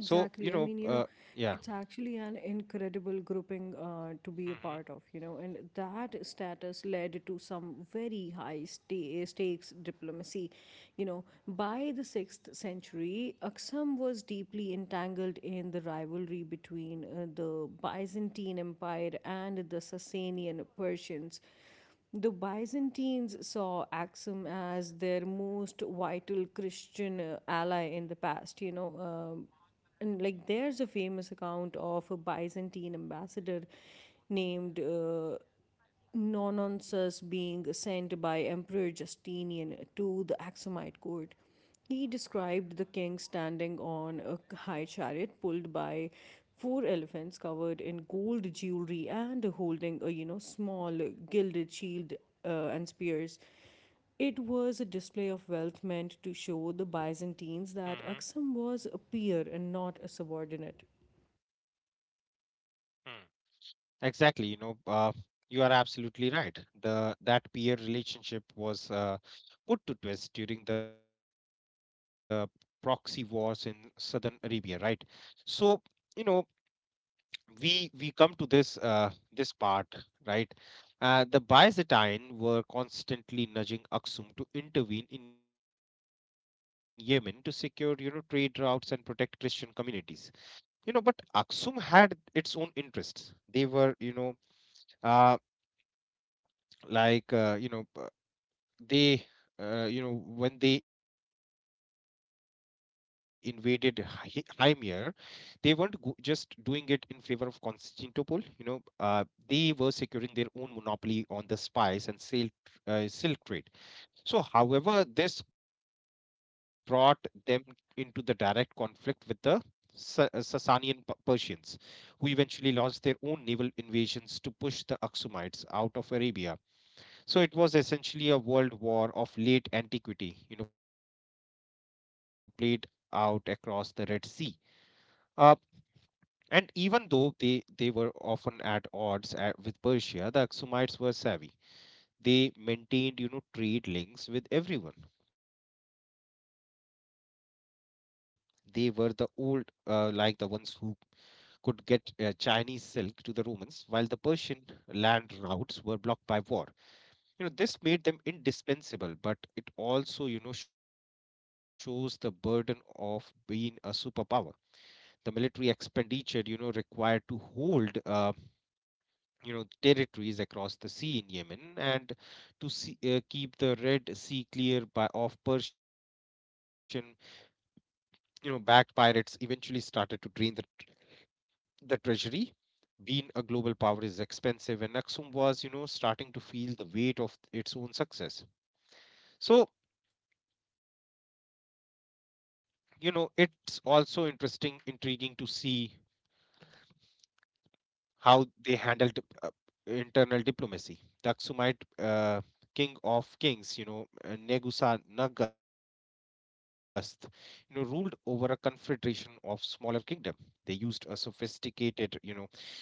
So, you
I mean,
know,
you know,
uh,
it's
yeah.
actually an incredible grouping uh, to be a part of,
Hmm.
you know, and that status led to some very high sta- stakes diplomacy. You know, by the sixth century, Aksum was deeply entangled in the rivalry between uh, the Byzantine Empire and the Sasanian Persians. The Byzantines saw Axum as their most vital Christian uh, ally in the past, you know. Um, and like, there's a famous account of a Byzantine ambassador named uh, Nononsus being sent by Emperor Justinian to the Axumite court. He described the king standing on a high chariot pulled by four elephants covered in gold jewelry and holding a, you know, small gilded shield uh, and spears. It was a display of wealth meant to show the Byzantines that Aksum was a peer and not a subordinate.
Hmm. Exactly, you know, uh, you are absolutely right. The that peer relationship was uh, put to twist during the proxy wars in southern Arabia, right? So, you know, we we come to this uh, this part, right? Uh, the Byzantine were constantly nudging Aksum to intervene in Yemen to secure, you know, trade routes and protect Christian communities. You know, but Aksum had its own interests. They were, you know, uh, like uh, you know uh, they uh, you know, when they invaded Hy- Hymir, they weren't go- just doing it in favor of Constantinople, you know. uh, they were securing their own monopoly on the spice and silk uh, silk trade. So however, this brought them into the direct conflict with the Sa- uh, Sasanian P- Persians, who eventually launched their own naval invasions to push the Aksumites out of Arabia. So it was essentially a world war of late antiquity, you know, played out across the Red Sea. Uh, and even though they they were often at odds at, with Persia, the Aksumites were savvy. They maintained, you know, trade links with everyone. They were the old, uh, like the ones who could get uh, Chinese silk to the Romans, while the Persian land routes were blocked by war. You know, this made them indispensable, but it also, you know, shows the burden of being a superpower. The military expenditure, you know, required to hold uh, you know, territories across the sea in Yemen, and to see, uh, keep the Red Sea clear by of Persian, you know, backed pirates, eventually started to drain the, the treasury. Being a global power is expensive, and Aksum was, you know, starting to feel the weight of its own success. So, you know, it's also interesting intriguing to see how they handled uh, internal diplomacy. The Aksumite uh, king of kings, you know, uh, negusa nagast, you know, ruled over a confederation of smaller kingdom. They used a sophisticated you know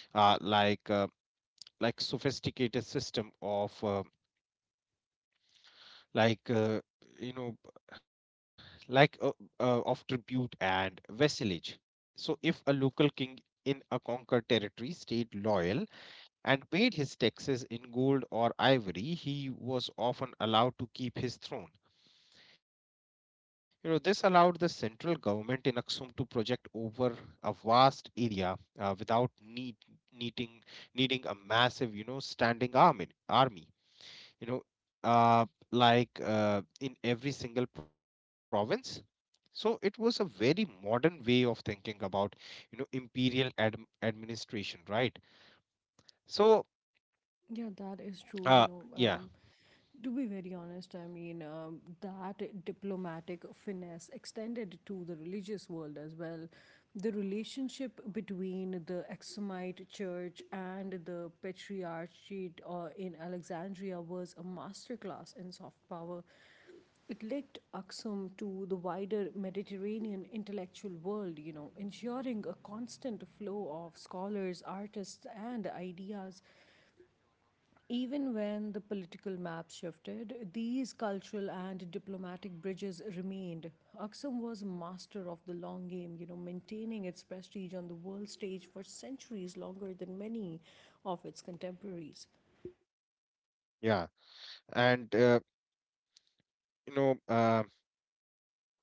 uh, like uh, like sophisticated system of uh, like uh, you know like uh, uh, of tribute and vassalage. So, if a local king in a conquered territory stayed loyal and paid his taxes in gold or ivory, he was often allowed to keep his throne. You know, this allowed the central government in Aksum to project over a vast area uh, without need, needing needing a massive, you know, standing army. Army, you know, uh, like uh, in every single province. So it was a very modern way of thinking about, you know, imperial adm administration, right? So,
Yeah, that is true. You
uh,
know,
yeah,
um, to be very honest, I mean, um, that diplomatic finesse extended to the religious world as well. The relationship between the Aksumite church and the Patriarchate uh, in Alexandria was a masterclass in soft power. It linked Aksum to the wider Mediterranean intellectual world, you know, ensuring a constant flow of scholars, artists, and ideas. Even when the political map shifted, these cultural and diplomatic bridges remained. Aksum was a master of the long game, you know, maintaining its prestige on the world stage for centuries longer than many of its contemporaries.
yeah, and uh, you know, uh,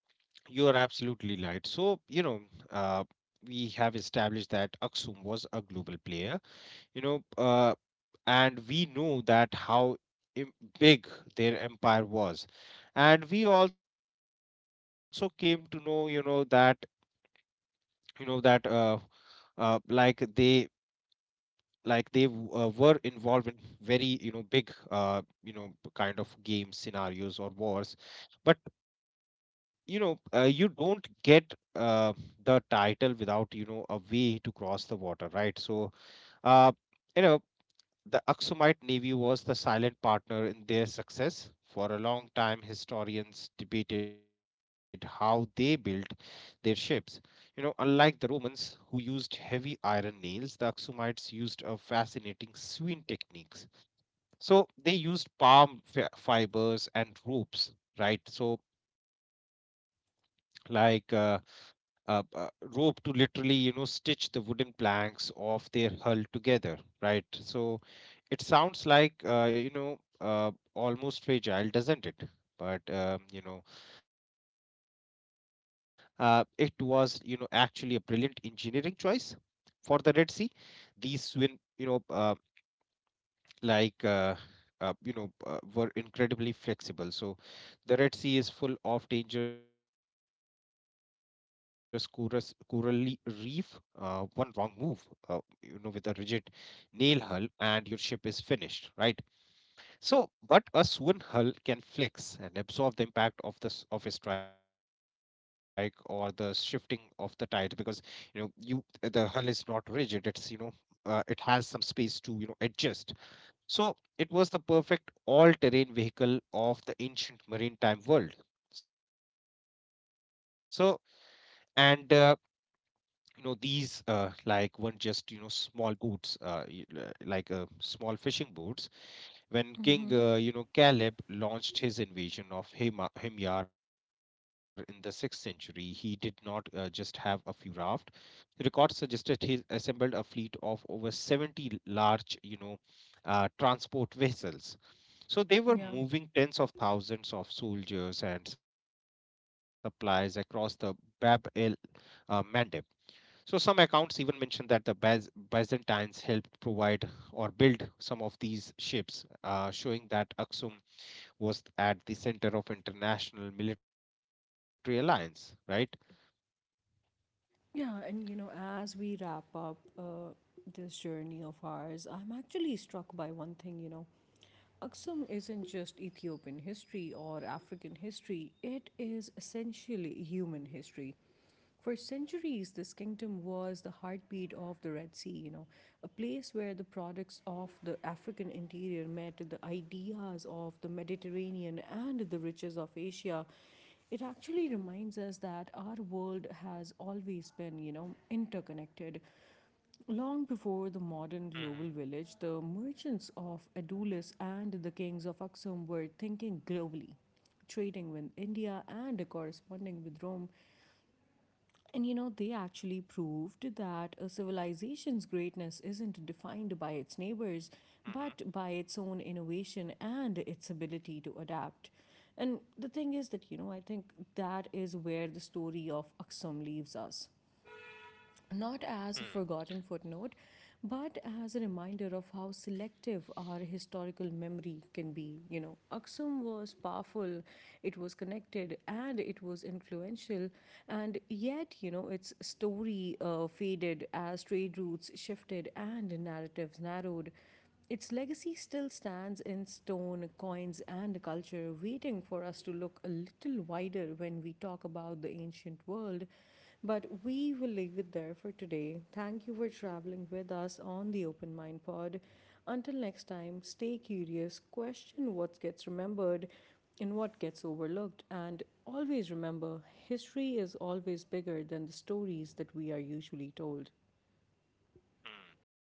you are absolutely right. So, you know, uh, we have established that Aksum was a global player. You know, uh, and we knew that how im- big their empire was, and we also came to know, you know, that you know that uh, uh, like they like they w- uh, were involved in very, you know, big, uh, you know, kind of game scenarios or wars. But, you know, uh, you don't get uh, the title without, you know, a way to cross the water, right? So, uh, you know The Aksumite Navy was the silent partner in their success. For a long time, historians debated how they built their ships. You know, unlike the Romans, who used heavy iron nails, the Aksumites used a fascinating sewing techniques. So they used palm fi- fibers and ropes, right? So like uh, uh, uh, rope to literally, you know, stitch the wooden planks of their hull together, right? So it sounds like, uh, you know, uh, almost fragile, doesn't it? But um, you know, uh, it was, you know, actually a brilliant engineering choice for the Red Sea. These swim, you know, uh, like uh, uh, you know, uh, were incredibly flexible. So the Red Sea is full of dangerous coral coral le- reef. Uh, one wrong move, uh, you know, with a rigid nail hull, and your ship is finished, right? So, but a Suvan hull can flex and absorb the impact of the s- of a strike or the shifting of the tide, because, you know, you the hull is not rigid. It's, you know, uh, it has some space to, you know, adjust. So it was the perfect all-terrain vehicle of the ancient maritime world. So, and uh, you know, these uh, like weren't just, you know, small boats, uh, y- l- like uh, small fishing boats.
Mm-hmm.
When King, uh, you know, Caleb launched his invasion of Hema- Himyar in the sixth century, he did not uh, just have a few raft. Records suggested he assembled a fleet of over seventy large, you know, uh, transport vessels.
Yeah.
So they were moving tens of thousands of soldiers and supplies across the Bab el uh, Mandeb. So some accounts even mention that the Baz- Byzantines helped provide or build some of these ships, uh, showing that Aksum was at the center of international military alliance. Right?
Yeah, and you know, as we wrap up uh, this journey of ours, I'm actually struck by one thing, you know. Aksum isn't just Ethiopian history or African history, it is essentially human history. For centuries, this kingdom was the heartbeat of the Red Sea, you know, a place where the products of the African interior met the ideas of the Mediterranean and the riches of Asia. It actually reminds us that our world has always been, you know, interconnected. Long before the
Mm-hmm.
modern global village, the merchants of Adulis and the kings of Aksum were thinking globally, trading with India and corresponding with Rome, and you know, they actually proved that a civilization's greatness isn't defined by its neighbors,
Mm-hmm.
but by its own innovation and its ability to adapt. And the thing is that, you know, I think that is where the story of Aksum leaves us, not as a forgotten footnote, but as a reminder of how selective our historical memory can be. You know, Aksum was powerful, it was connected, and it was influential, and yet, you know, its story uh, faded as trade routes shifted and narratives narrowed. Its legacy still stands in stone, coins, and culture, waiting for us to look a little wider when we talk about the ancient world. But we will leave it there for today. Thank you for traveling with us on the Open Mind Pod. Until next time, stay curious, question what gets remembered and what gets overlooked, and always remember history is always bigger than the stories that we are usually told.
Mm-hmm. Thank you.